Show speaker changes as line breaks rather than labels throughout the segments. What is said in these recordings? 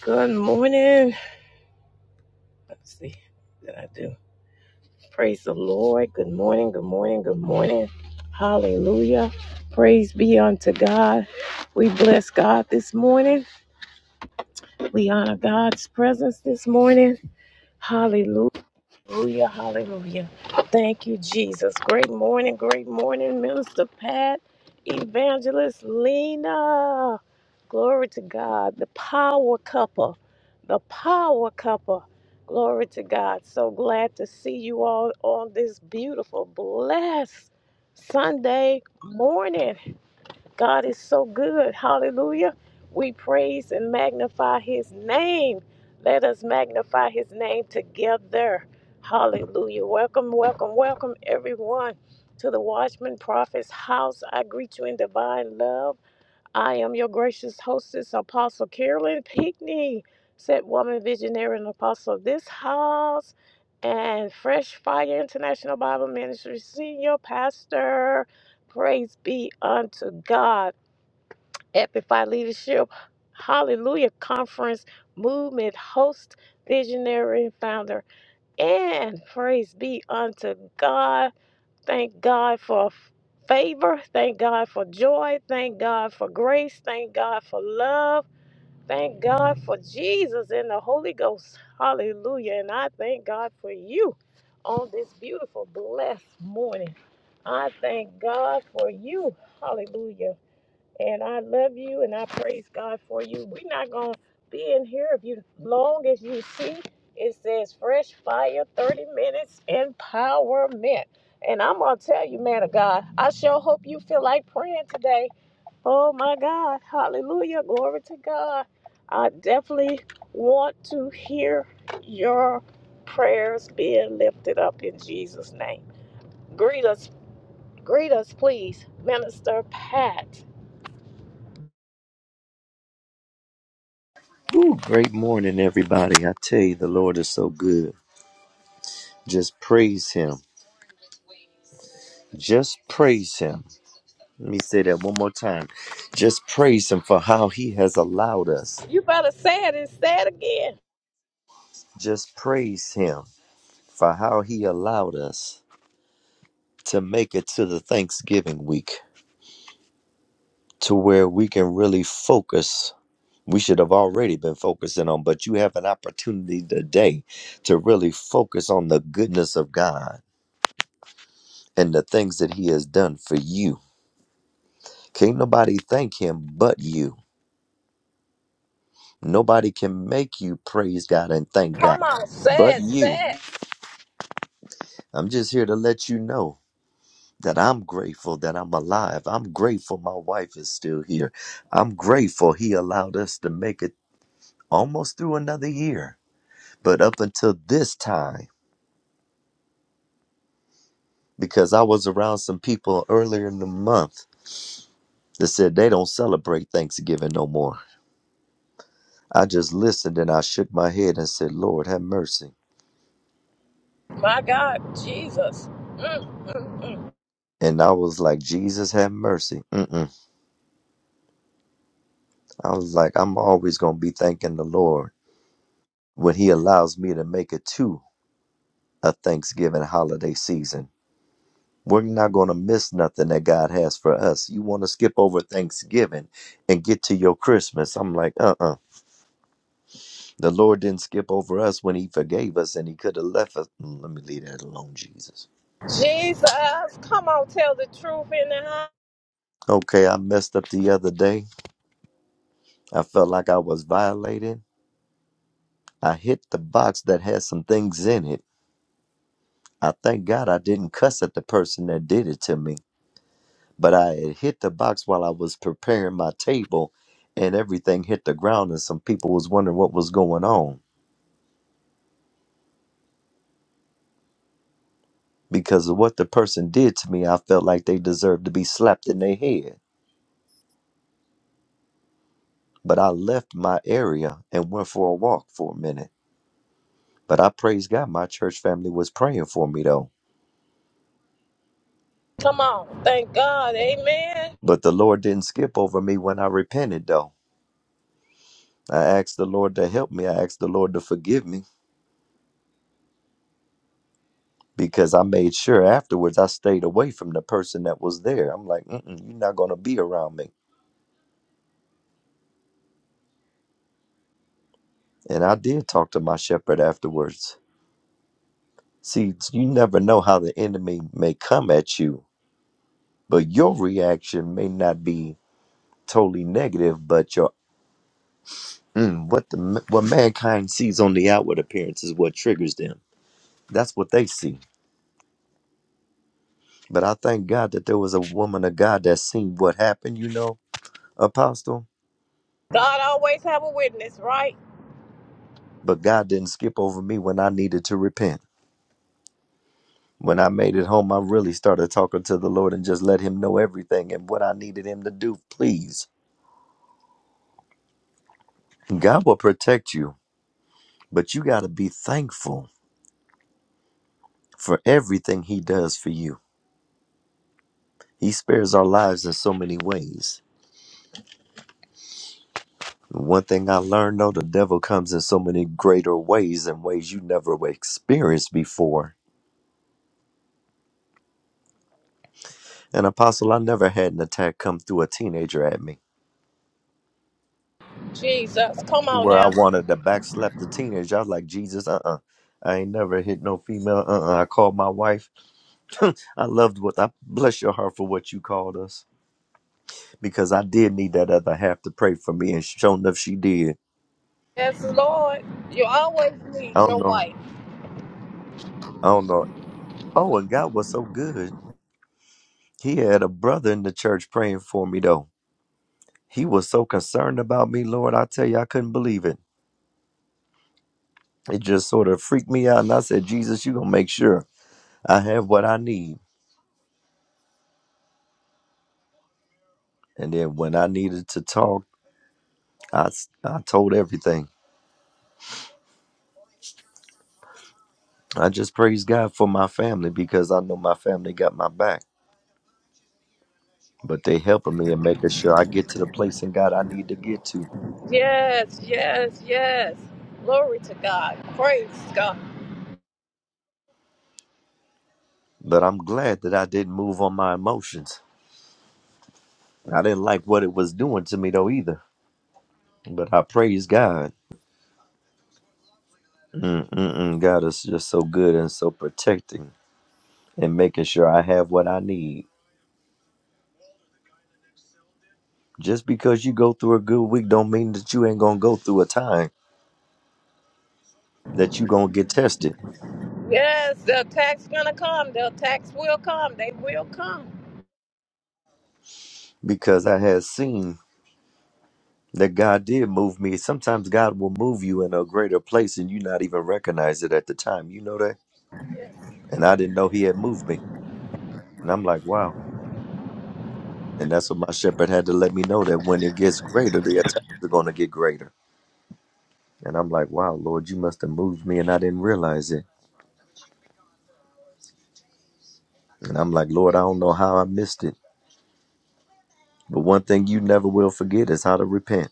Good morning. Let's see what did I do. Praise the Lord. Good morning. Good morning. Good morning. Hallelujah. Praise be unto God. We bless God this morning. We honor God's presence this morning. Hallelujah. Hallelujah. Thank you, Jesus. Great morning. Great morning, Minister Pat, Evangelist Lena. Glory to God. The power couple, The power couple. Glory to God. So glad to see you all on this beautiful, blessed Sunday morning. God is so good. Hallelujah. We praise and magnify his name. Let us magnify his name together. Hallelujah. Welcome, welcome, welcome, everyone, to the Watchman Prophet's house. I greet you in divine love. I am your gracious hostess, Apostle Carolyn Pinckney, said woman visionary and apostle of this house, and Fresh Fire International Bible Ministry senior pastor. Praise be unto God. Amplify Leadership, Hallelujah Conference Movement host, visionary, and founder. And praise be unto God. Thank God for favor. Thank God for joy. Thank God for grace. Thank God for love. Thank God for Jesus and the Holy Ghost. Hallelujah. And I thank God for you on this beautiful, blessed morning. I thank God for you. Hallelujah. And I love you and I praise God for you. We're not going to be in here if you long as you see it says fresh fire 30 minutes empowerment. And I'm going to tell you, man of God, I sure hope you feel like praying today. Oh my God. Hallelujah. Glory to God. I definitely want to hear your prayers being lifted up in Jesus' name. Greet us, greet us, please, Minister Pat.
Woo, great morning, everybody. I tell you, the Lord is so good. Just praise Him. Just praise Him. Let me say that one more time. Just praise Him for how He has allowed us.
You better say it and say it again.
Just praise Him for how He allowed us to make it to the Thanksgiving week to where we can really focus. We should have already been focusing on, but you have an opportunity today to really focus on the goodness of God and the things that He has done for you Can't nobody thank him but you. Nobody can make you praise God and thank God
Come on, say
but
it,
you.
say it.
I'm just here to let you know that I'm grateful that I'm alive. I'm grateful my wife is still here. I'm grateful he allowed us to make it almost through another year. But up until this time, because I was around some people earlier in the month that said they don't celebrate Thanksgiving no more. I just listened and I shook my head and said, Lord, have mercy
My God, Jesus. Mm.
And I was like, Jesus have mercy. Mm-mm. I was like, I'm always going to be thanking the Lord when He allows me to make it to a Thanksgiving holiday season. We're not going to miss nothing that God has for us. You want to skip over Thanksgiving and get to your Christmas. I'm like, uh uh The Lord didn't skip over us when He forgave us and He could have left us. Mm, Let me leave that alone, Jesus.
Jesus, come on, tell the truth in the house.
Okay, I messed up the other day. I felt like I was violated. I hit the box that had some things in it I thank God I didn't cuss at the person that did it to me, but I had hit the box while I was preparing my table and everything hit the ground and some people was wondering what was going on. Because of what the person did to me, I felt like they deserved to be slapped in their head. But I left my area and went for a walk for a minute. But I praise God, my church family was praying for me though.
Come on, thank God, amen.
But the Lord didn't skip over me when I repented though. I asked the Lord to help me. I asked the Lord to forgive me. because I made sure afterwards I stayed away from the person that was there. I'm like, Mm-mm, you're not going to be around me. And I did talk to my shepherd afterwards. See, you never know how the enemy may come at you, but your reaction may not be totally negative, but your mm, what the what mankind sees on the outward appearance is what triggers them. That's what they see. But I thank God that there was a woman of God that seen what happened, you know, apostle.
God always have a witness, right?
But God didn't skip over me when I needed to repent. When I made it home, I really started talking to the Lord and just let Him know everything and what I needed Him to do, please. God will protect you, but you got to be thankful for everything He does for you. He spares our lives in so many ways. One thing I learned though, the devil comes in so many greater ways and ways you never experienced before. And Apostle, I never had an attack come through a teenager at me
Jesus, come on
where I
now.
wanted to backslap the teenager. I was like, Jesus, uh uh I ain't never hit no female. Uh uh I called my wife I loved what I bless your heart for what you called us because I did need that other half to pray for me, and sure enough, she did.
Yes, Lord, you always
I
need
don't
your
know.
wife.
I don't know. Oh, and God was so good. He had a brother in the church praying for me though. He was so concerned about me, Lord. I tell you, I couldn't believe it. It just sort of freaked me out, and I said, Jesus, you gonna make sure I have what I need. And then when I needed to talk, I s- I told everything. I just praise God for my family because I know my family got my back but they helping me and making sure I get to the place in God I need to get to.
Yes, yes, yes. Glory to God. Praise God.
But I'm glad that I didn't move on my emotions. I didn't like what it was doing to me though either. But I praise God. Mm-mm-mm. God is just so good and so protecting and making sure I have what I need. Just because you go through a good week don't mean that you ain't gonna go through a time that you gonna get tested.
Yes, the attack's gonna come. The attacks will come. They will come.
Because I have seen that God did move me. Sometimes God will move you in a greater place and you not even recognize it at the time. You know that? and I didn't know he had moved me. And I'm like, wow. And that's what my shepherd had to let me know that when it gets greater, the attacks are going to get greater. And I'm like, wow, Lord, you must have moved me and I didn't realize it. And I'm like, Lord, I don't know how I missed it. But one thing you never will forget is how to repent.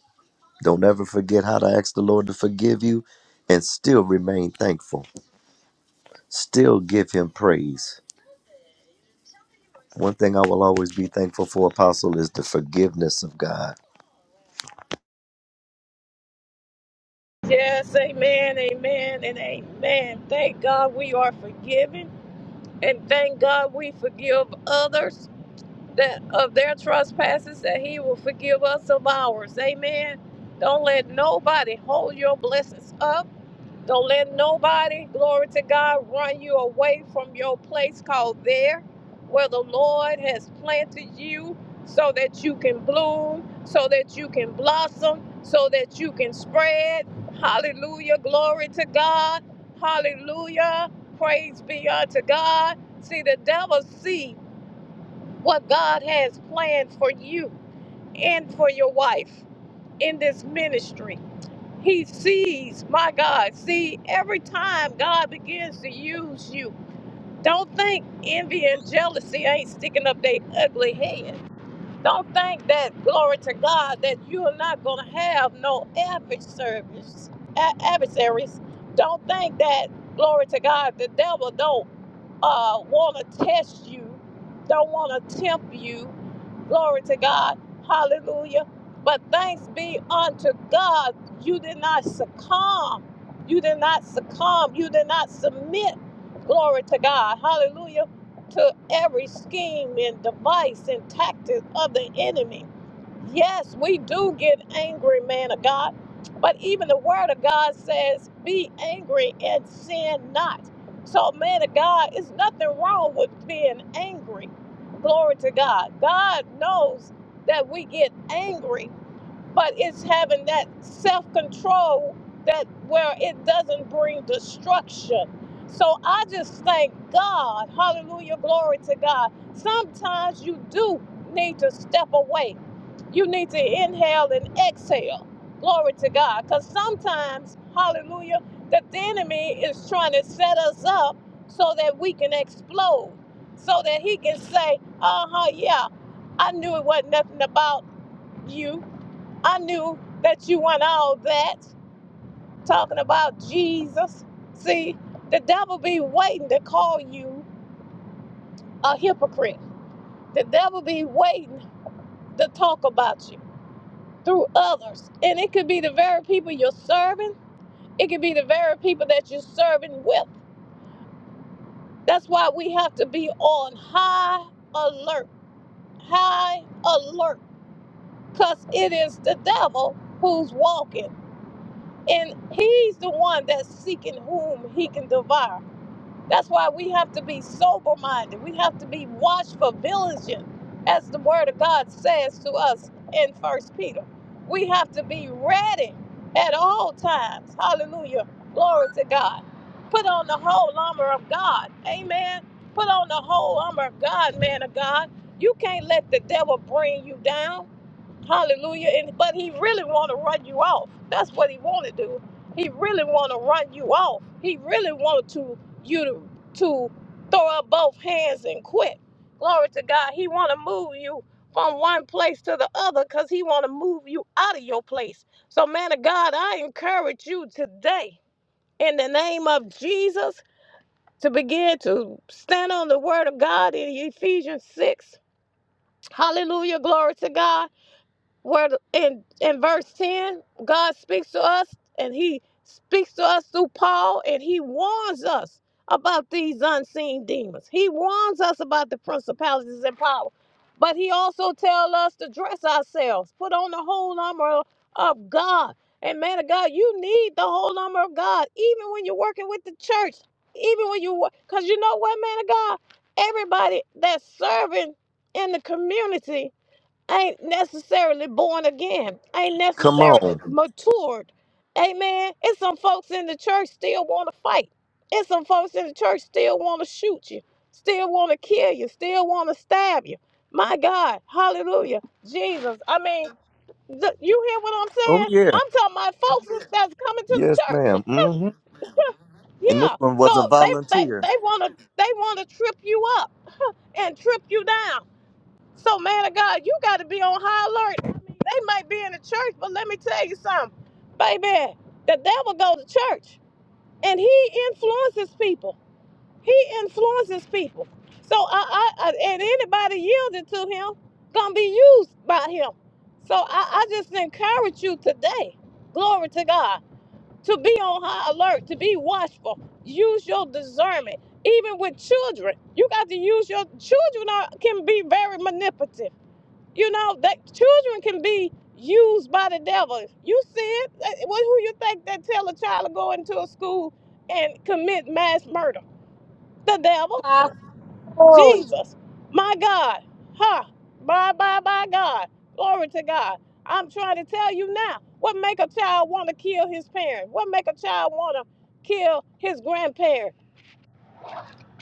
Don't ever forget how to ask the Lord to forgive you and still remain thankful. Still give him praise. One thing I will always be thankful for, Apostle, is the forgiveness of God.
Yes, amen, amen, and amen. Thank God we are forgiven, and thank God we forgive others that of their trespasses, that He will forgive us of ours. Amen. Don't let nobody hold your blessings up. Don't let nobody, glory to God, run you away from your place called there, where the Lord has planted you so that you can bloom, so that you can blossom, so that you can spread. Hallelujah. Glory to God. Hallelujah. Praise be unto God. See, the devil see what God has planned for you and for your wife in this ministry. He sees, my God, see, every time God begins to use you, don't think envy and jealousy ain't sticking up their ugly head. Don't think that, glory to God, that you're not going to have no adversaries. a- adversaries. Don't think that, glory to God, the devil don't uh, want to test you, don't want to tempt you. Glory to God. Hallelujah. But thanks be unto God, you did not succumb. You did not succumb. You did not submit. Glory to God. Hallelujah. To every scheme and device and tactic of the enemy. Yes, we do get angry, man of God. But even the word of God says, be angry and sin not. So, man of God, it's nothing wrong with being angry. Glory to God. God knows that we get angry but it's having that self-control that where it doesn't bring destruction so i just thank god hallelujah glory to god sometimes you do need to step away you need to inhale and exhale glory to god because sometimes hallelujah that the enemy is trying to set us up so that we can explode so that he can say uh-huh yeah i knew it wasn't nothing about you I knew that you want all that. Talking about Jesus. See, the devil be waiting to call you a hypocrite. The devil be waiting to talk about you through others. And it could be the very people you're serving, it could be the very people that you're serving with. That's why we have to be on high alert, high alert, because it is the devil who's walking. And he's the one that's seeking whom he can devour. That's why we have to be sober minded. We have to be watchful, vigilant, as the word of God says to us in First Peter. We have to be ready at all times. Hallelujah. Glory to God. Put on the whole armor of God. Amen. Put on the whole armor of God, man of God. You can't let the devil bring you down. Hallelujah. And but he really want to run you off. That's what he want to do. He really want to run you off. He really wanted to you to, to throw up both hands and quit. Glory to God. He want to move you from one place to the other because he want to move you out of your place. So man of God, I encourage you today in the name of Jesus to begin to stand on the word of God in Ephesians 6. Hallelujah. Glory to God where in in verse 10 god speaks to us and he speaks to us through paul and he warns us about these unseen demons he warns us about the principalities and power but he also tells us to dress ourselves put on the whole armor of god and man of god you need the whole armor of god even when you're working with the church even when you work. because you know what man of god everybody that's serving in the community ain't necessarily born again, ain't
Come
necessarily
on.
matured. Amen. It's some folks in the church still want to fight. It's some folks in the church still want to shoot you, still want to kill you, still want to stab you. My God, hallelujah, Jesus. I mean, th- you hear what I'm
Oh,
saying?
yeah.
I'm talking about folks that's that's coming to the
Yes,
church.
madam And this
Yeah.
one was a
So they they,
volunteer.
they wanna they wanna trip you up and trip you down. So, man of God, you got to be on high alert. I mean, they might be in the church, but let me tell you something, baby. The devil go to church, and he influences people. He influences people. So, I, I, I and anybody yielding to him gonna be used by him. So, I, I just encourage you today, glory to God, to be on high alert, to be watchful. Use your discernment, even with children. You got to use your children are, can be very manipulative you know that children can be used by the devil. You see it? Eh, What who you think that tell a child to go into a school and commit mass murder? The devil,
Apostle.
Jesus, my God, huh? Bye bye bye God. Glory to God. I'm trying to tell you now. What make a child want to kill his parent? What make a child want to kill his grandparent?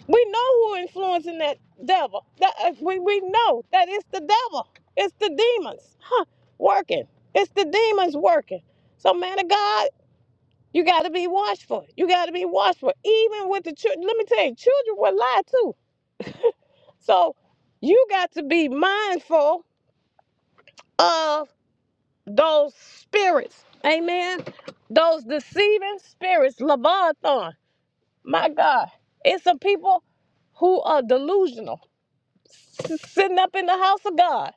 We know who influencing that devil. That uh, we we know that it's the devil. It's the demons, huh? Working. It's the demons working. So man of God, you got to be watchful. You got to be watchful. Even with the children, let me tell you, children will lie too. So you got to be mindful of those spirits. Amen. Those deceiving spirits, Leviathan. My God, it's some people who are delusional sitting up in the house of God.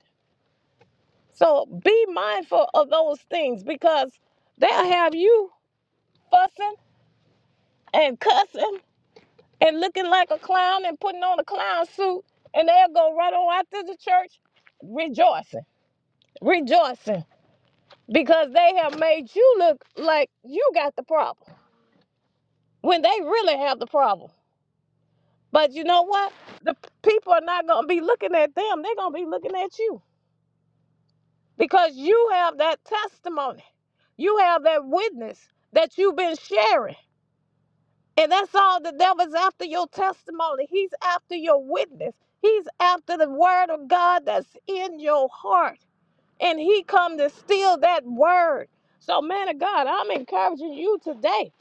So be mindful of those things because they'll have you fussing and cussing and looking like a clown and putting on a clown suit, and they'll go right on out to the church rejoicing, rejoicing because they have made you look like you got the problem when they really have the problem. But you know what? The people are not going to be looking at them, they're going to be looking at you because you have that testimony. You have that witness that you've been sharing. And that's all the devil's after your testimony. He's after your witness. He's after the word of God that's in your heart. And he come to steal that word. So man of God, I'm encouraging you today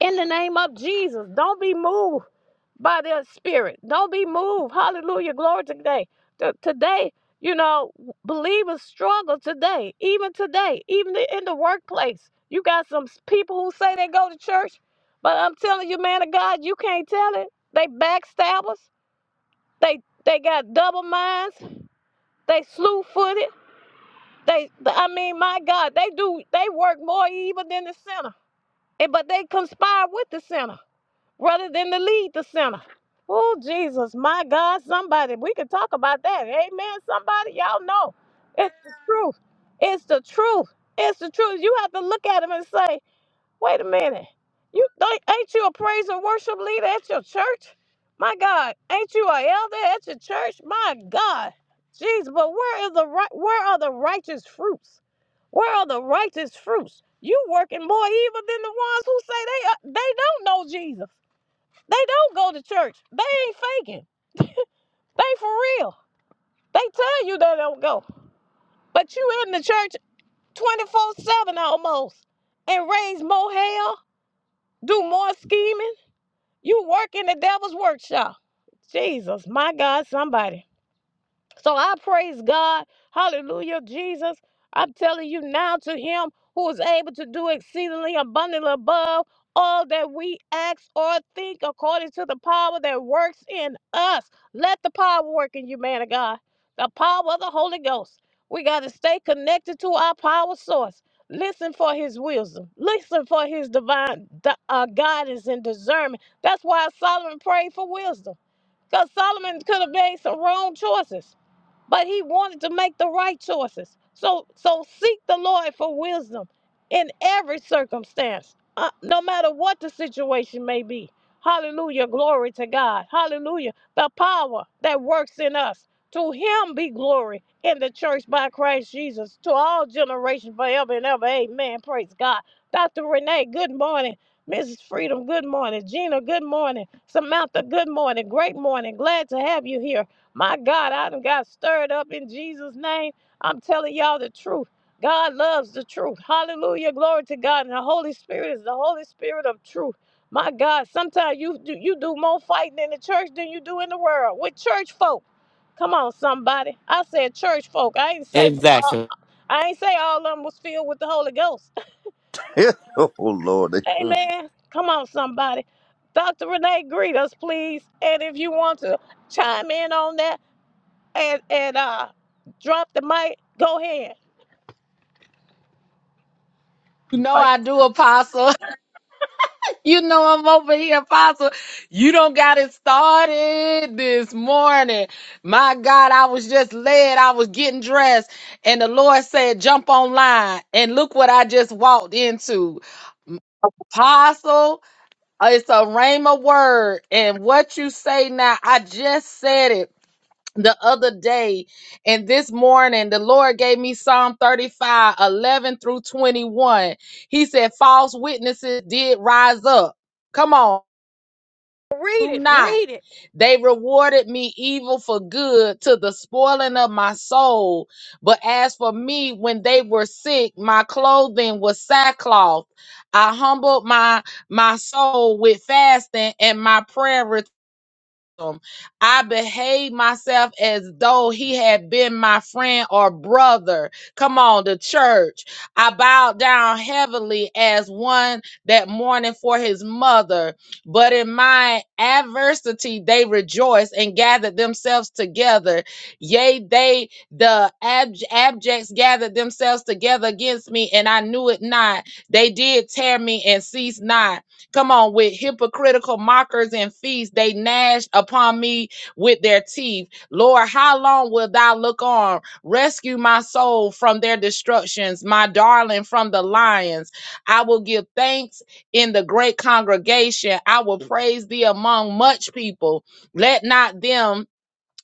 in the name of Jesus. Don't be moved by their spirit. Don't be moved. Hallelujah. Glory to today. T- today, you know, believers struggle today, even today, even the- in the workplace. You got some s- people who say they go to church, but I'm telling you, man of God, you can't tell it. They backstabbers. They they got double minds. They slew footed. They, I mean, my God, they do. They work more even than the sinner, and but they conspire with the sinner rather than to lead the sinner. Oh, Jesus, my God, somebody, we can talk about that. Amen. Somebody, y'all know it's the truth. It's the truth. It's the truth. You have to look at him and say, wait a minute. You think ain't you a praise and worship leader at your church? My God, ain't you a elder at your church? My God. Jeez, but where is the right where are the righteous fruits? Where are the righteous fruits? You working more evil than the ones who say they are, they don't know Jesus. They don't go to church. They ain't faking. They for real. They tell you they don't go. But you in the church 24-7 almost and raise more hell, do more scheming. You work in the devil's workshop. Jesus, my God, somebody. So I praise God. Hallelujah, Jesus. I'm telling you now to him who is able to do exceedingly abundantly above all that we ask or think according to the power that works in us. Let the power work in you, man of God. The power of the Holy Ghost. We got to stay connected to our power source. Listen for his wisdom. Listen for his divine di- uh, guidance and discernment. That's why Solomon prayed for wisdom. Because Solomon could have made some wrong choices but he wanted to make the right choices. So so seek the Lord for wisdom in every circumstance, uh, no matter what the situation may be. Hallelujah, glory to God. Hallelujah, the power that works in us. To him be glory in the church by Christ Jesus to all generations forever and ever. Amen. Praise God. Dr. Renee, good morning. Mrs. Freedom, good morning. Gina, good morning. Samantha, good morning. Great morning. Glad to have you here. My God, I done got stirred up in Jesus' name. I'm telling y'all the truth. God loves the truth. Hallelujah. Glory to God. And the Holy Spirit is the Holy Spirit of truth. My God, sometimes you do you do more fighting in the church than you do in the world with church folk. Come on, somebody. I said church folk. I ain't say uh,
Exactly.
I ain't say all of them was filled with the Holy Ghost.
oh, Lord. Mm.
Amen. Come on, somebody. Dr. Renee, greet us, please. And if you want to chime in on that, and and uh drop the mic. Go ahead.
You know
Are you-
I do, Apostle. You know I'm over here, Apostle. You don't got it started this morning. My God, I was just led. I was getting dressed, and the Lord said, "Jump online." And look what I just walked into, Apostle. It's a rhema word, and what you say now, I just said it. the other day and this morning the lord gave me psalm 35 11 through 21 he said false witnesses did rise up come on
Read
do
it,
not
read it.
they rewarded me evil for good to the spoiling of my soul but as for me when they were sick my clothing was sackcloth i humbled my my soul with fasting and my prayer him. I behaved myself as though he had been my friend or brother. Come on, the church. I bowed down heavily as one that mourning for his mother. But in my adversity, they rejoiced and gathered themselves together. Yea, they, the ab- abjects, gathered themselves together against me, and I knew it not. They did tear me and ceased not. Come on, with hypocritical mockers and feasts, they gnashed upon me with their teeth. Lord, how long wilt thou look on? Rescue my soul from their destructions, my darling from the lions. I will give thanks in the great congregation. I will praise thee among much people. Let not them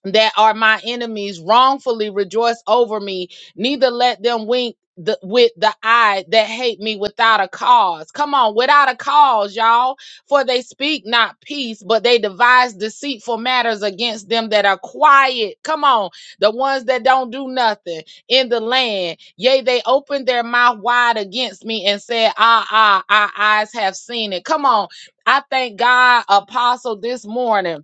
that are my enemies wrongfully rejoice over me neither let them wink the, with the eye that hate me without a cause come on without a cause y'all for they speak not peace but they devise deceitful matters against them that are quiet come on the ones that don't do nothing in the land yea they opened their mouth wide against me and said ah ah our eyes have seen it come on i thank god apostle this morning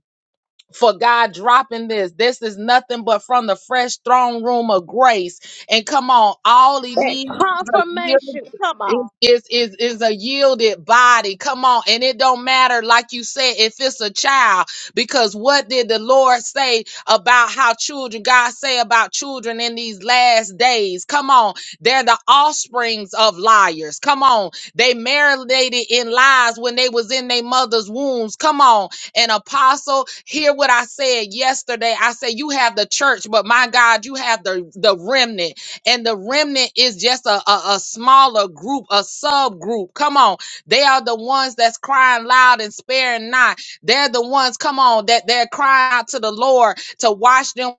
for God dropping this. This is nothing but from the fresh throne room of grace. And come on, all he
And
needs is a yielded,
confirmation. Come on.
is, is, is, is a yielded body. Come on. And it don't matter, like you said, if it's a child, because what did the Lord say about how children, God say about children in these last days? Come on. They're the offsprings of liars. Come on. They marinated in lies when they was in their mother's wombs. Come on and apostle, hear what I said yesterday. I said, you have the church, but my God, you have the, the remnant. And the remnant is just a, a, a smaller group, a subgroup. Come on. They are the ones that's crying loud and sparing not. They're the ones, come on, that they're crying out to the Lord to wash them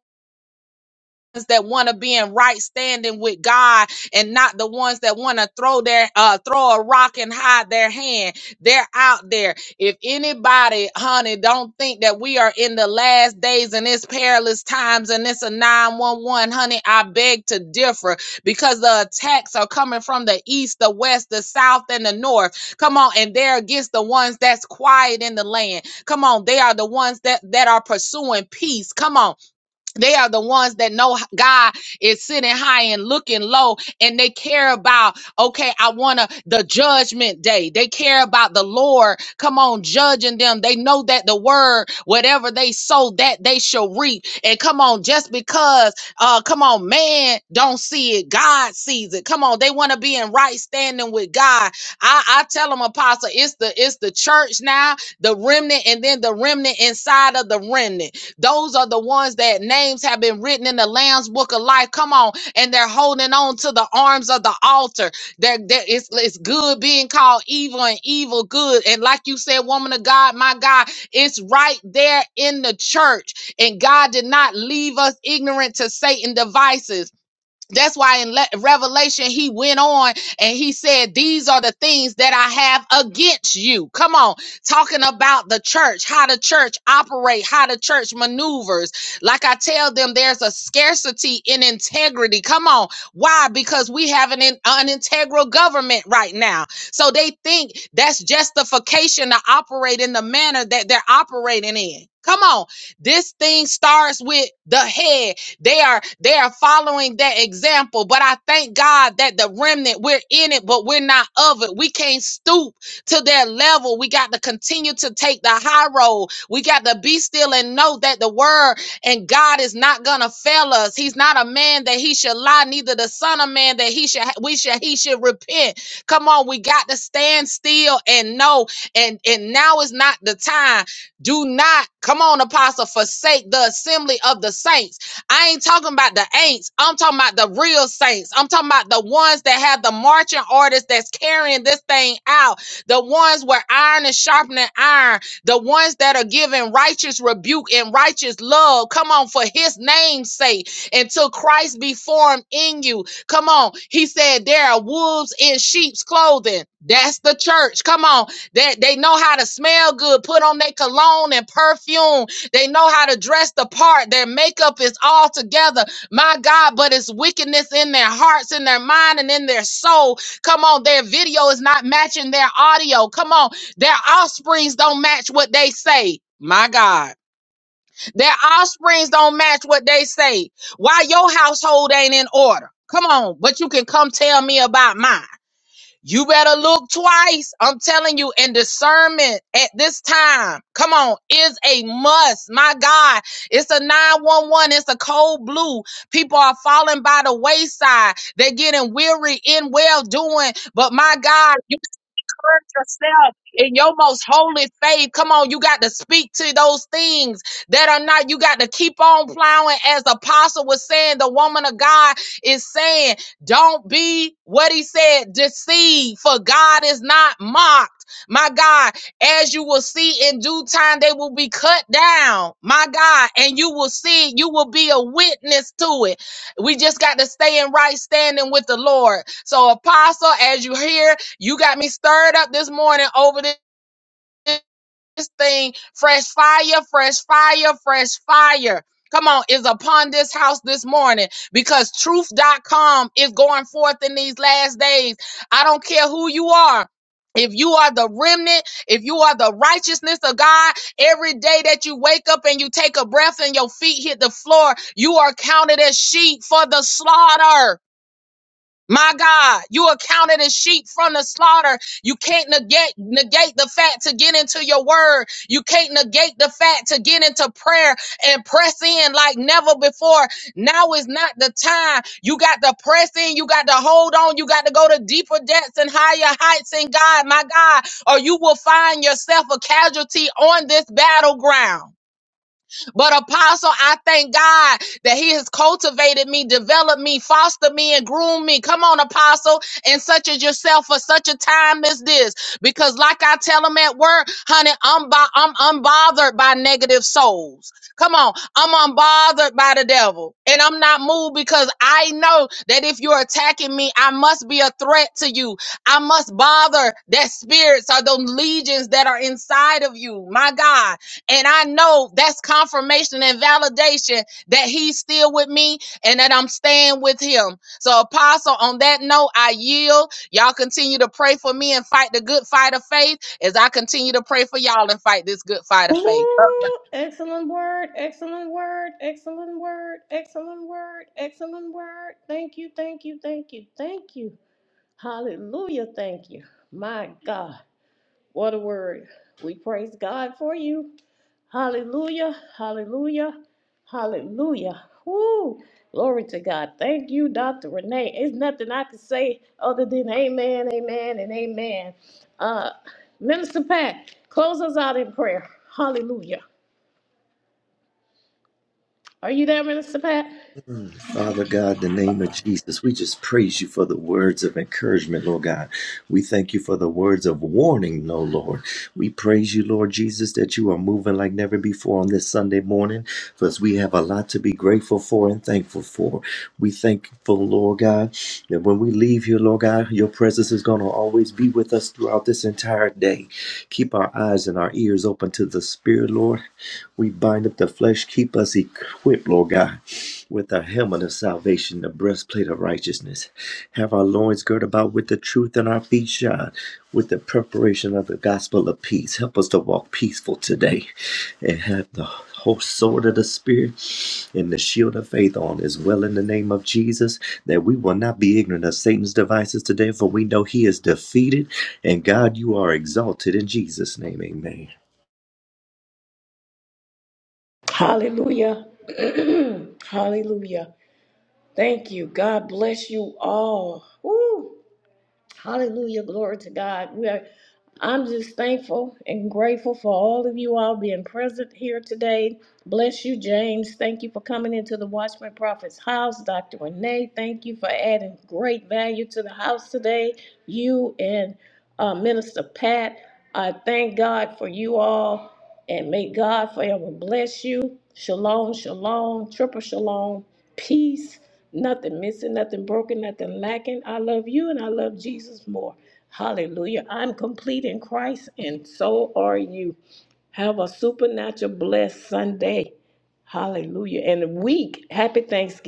that want to be in right standing with God and not the ones that want to throw their uh throw a rock and hide their hand. They're out there. If anybody, honey, don't think that we are in the last days and it's perilous times and it's a 911, honey, I beg to differ because the attacks are coming from the east, the west, the south, and the north. Come on, and they're against the ones that's quiet in the land. Come on, they are the ones that that are pursuing peace. Come on. They are the ones that know h- God is sitting high and looking low, and they care about, okay, I want to the judgment day. They care about the Lord, come on, judging them. They know that the word, whatever they sow, that they shall reap. And come on, just because, uh, come on, man don't see it, God sees it. Come on, they want to be in right standing with God. I, I tell them, Apostle, it's the it's the church now, the remnant, and then the remnant inside of the remnant. Those are the ones that names have been written in the Lamb's Book of Life. Come on, and they're holding on to the arms of the altar. That it's, it's good being called evil and evil good. And like you said, woman of God, my God, it's right there in the church. And God did not leave us ignorant to Satan devices. That's why in Le- Revelation he went on and he said, These are the things that I have against you. Come on, talking about the church, how the church operate, how the church maneuvers. Like I tell them, there's a scarcity in integrity. Come on, why? Because we have an, in- an integral government right now. So they think that's justification to operate in the manner that they're operating in. Come on, this thing starts with the head. They are they are following that example. But I thank God that the remnant we're in it, but we're not of it. We can't stoop to their level. We got to continue to take the high road. We got to be still and know that the word and God is not gonna fail us. He's not a man that he should lie, neither the son of man that he should we should he should repent. Come on, we got to stand still and know. And and now is not the time. Do not come on, apostle, forsake the assembly of the saints. I ain't talking about the ain'ts. I'm talking about the real saints. I'm talking about the ones that have the marching orders that's carrying this thing out. The ones where iron is sharpening iron. The ones that are giving righteous rebuke and righteous love. Come on, for his name's sake. Until Christ be formed in you. Come on. He said there are wolves in sheep's clothing. That's the church. Come on. That they, they know how to smell good, put on their cologne and perfume they know how to dress the part. Their makeup is all together. My God, but it's wickedness in their hearts, in their mind, and in their soul. Come on, their video is not matching their audio. Come on, their offsprings don't match what they say. My God, their offsprings don't match what they say. Why your household ain't in order? Come on, but you can come tell me about mine. You better look twice. I'm telling you, and discernment at this time, come on, is a must. My God, it's a 911, it's a cold blue. People are falling by the wayside. They're getting weary in well doing. But my God, Gird yourself in your most holy faith. Come on, you got to speak to those things that are not. You got to keep on plowing, as the apostle was saying. The woman of God is saying, "Don't be what he said, deceived, for God is not mocked." My God, as you will see in due time, they will be cut down. My God, and you will see, you will be a witness to it. We just got to stay in right standing with the Lord. So, Apostle, as you hear you got me stirred up this morning over this, this thing. Fresh fire, fresh fire, fresh fire. Come on, is upon this house this morning because truth dot com is going forth in these last days. I don't care who you are. If you are the remnant, if you are the righteousness of God, every day that you wake up and you take a breath and your feet hit the floor, you are counted as sheep for the slaughter. My God, you are counted as sheep from the slaughter. You can't negate, negate the fact to get into your word. You can't negate the fact to get into prayer and press in like never before. Now is not the time. You got to press in. You got to hold on. You got to go to deeper depths and higher heights in God, my God, or you will find yourself a casualty on this battleground. But apostle, I thank God that he has cultivated me, developed me, fostered me, and groomed me. Come on, apostle, and such as yourself for such a time as this. Because like I tell them at work, honey, I'm bo- I'm unbothered by negative souls. Come on, I'm unbothered by the devil. And I'm not moved because I know that if you're attacking me, I must be a threat to you. I must bother that spirits or those legions that are inside of you. My God. And I know that's confirmation and validation that he's still with me and that I'm staying with him. So, Apostle, on that note, I yield. Y'all continue to pray for me and fight the good fight of faith as I continue to pray for y'all and fight this good fight of faith.
Ooh, excellent word, excellent word, excellent word, excellent word, excellent word. Thank you, thank you, thank you, thank you. Hallelujah, thank you. My God, what a word. We praise God for you. Hallelujah, hallelujah, hallelujah. Woo, glory to God. Thank you, Dr. Renee. It's nothing I can say other than amen, amen, and amen. Uh, Minister Pat, close us out in prayer. Hallelujah. Are you there, Minister Pat?
Mm. Father God, in the name of Jesus, we just praise you for the words of encouragement, Lord God. We thank you for the words of warning, no Lord. We praise you, Lord Jesus, that you are moving like never before on this Sunday morning, because we have a lot to be grateful for and thankful for. We thankful, Lord God, that when we leave here, Lord God, your presence is going to always be with us throughout this entire day. Keep our eyes and our ears open to the Spirit, Lord We bind up the flesh, keep us equipped, Lord God, with the helmet of salvation, the breastplate of righteousness. Have our loins girt about with the truth and our feet shod with the preparation of the gospel of peace. Help us to walk peaceful today and have the whole sword of the Spirit and the shield of faith on as well in the name of Jesus, that we will not be ignorant of Satan's devices today, for we know he is defeated. And God, you are exalted in Jesus' name. Amen.
Hallelujah. Hallelujah. Thank you. God bless you all. Woo. Hallelujah. Glory to God. We are I'm just thankful and grateful for all of you all being present here today. Bless you, James. Thank you for coming into the Watchman Prophet's house. Dr. Renee, thank you for adding great value to the house today. You and uh, Minister Pat, I thank God for you all. And may God forever bless you. Shalom, shalom, triple shalom, peace, nothing missing, nothing broken, nothing lacking. I love you and I love Jesus more. Hallelujah. I'm complete in Christ and so are you. Have a supernatural blessed Sunday. Hallelujah. And a week. Happy Thanksgiving.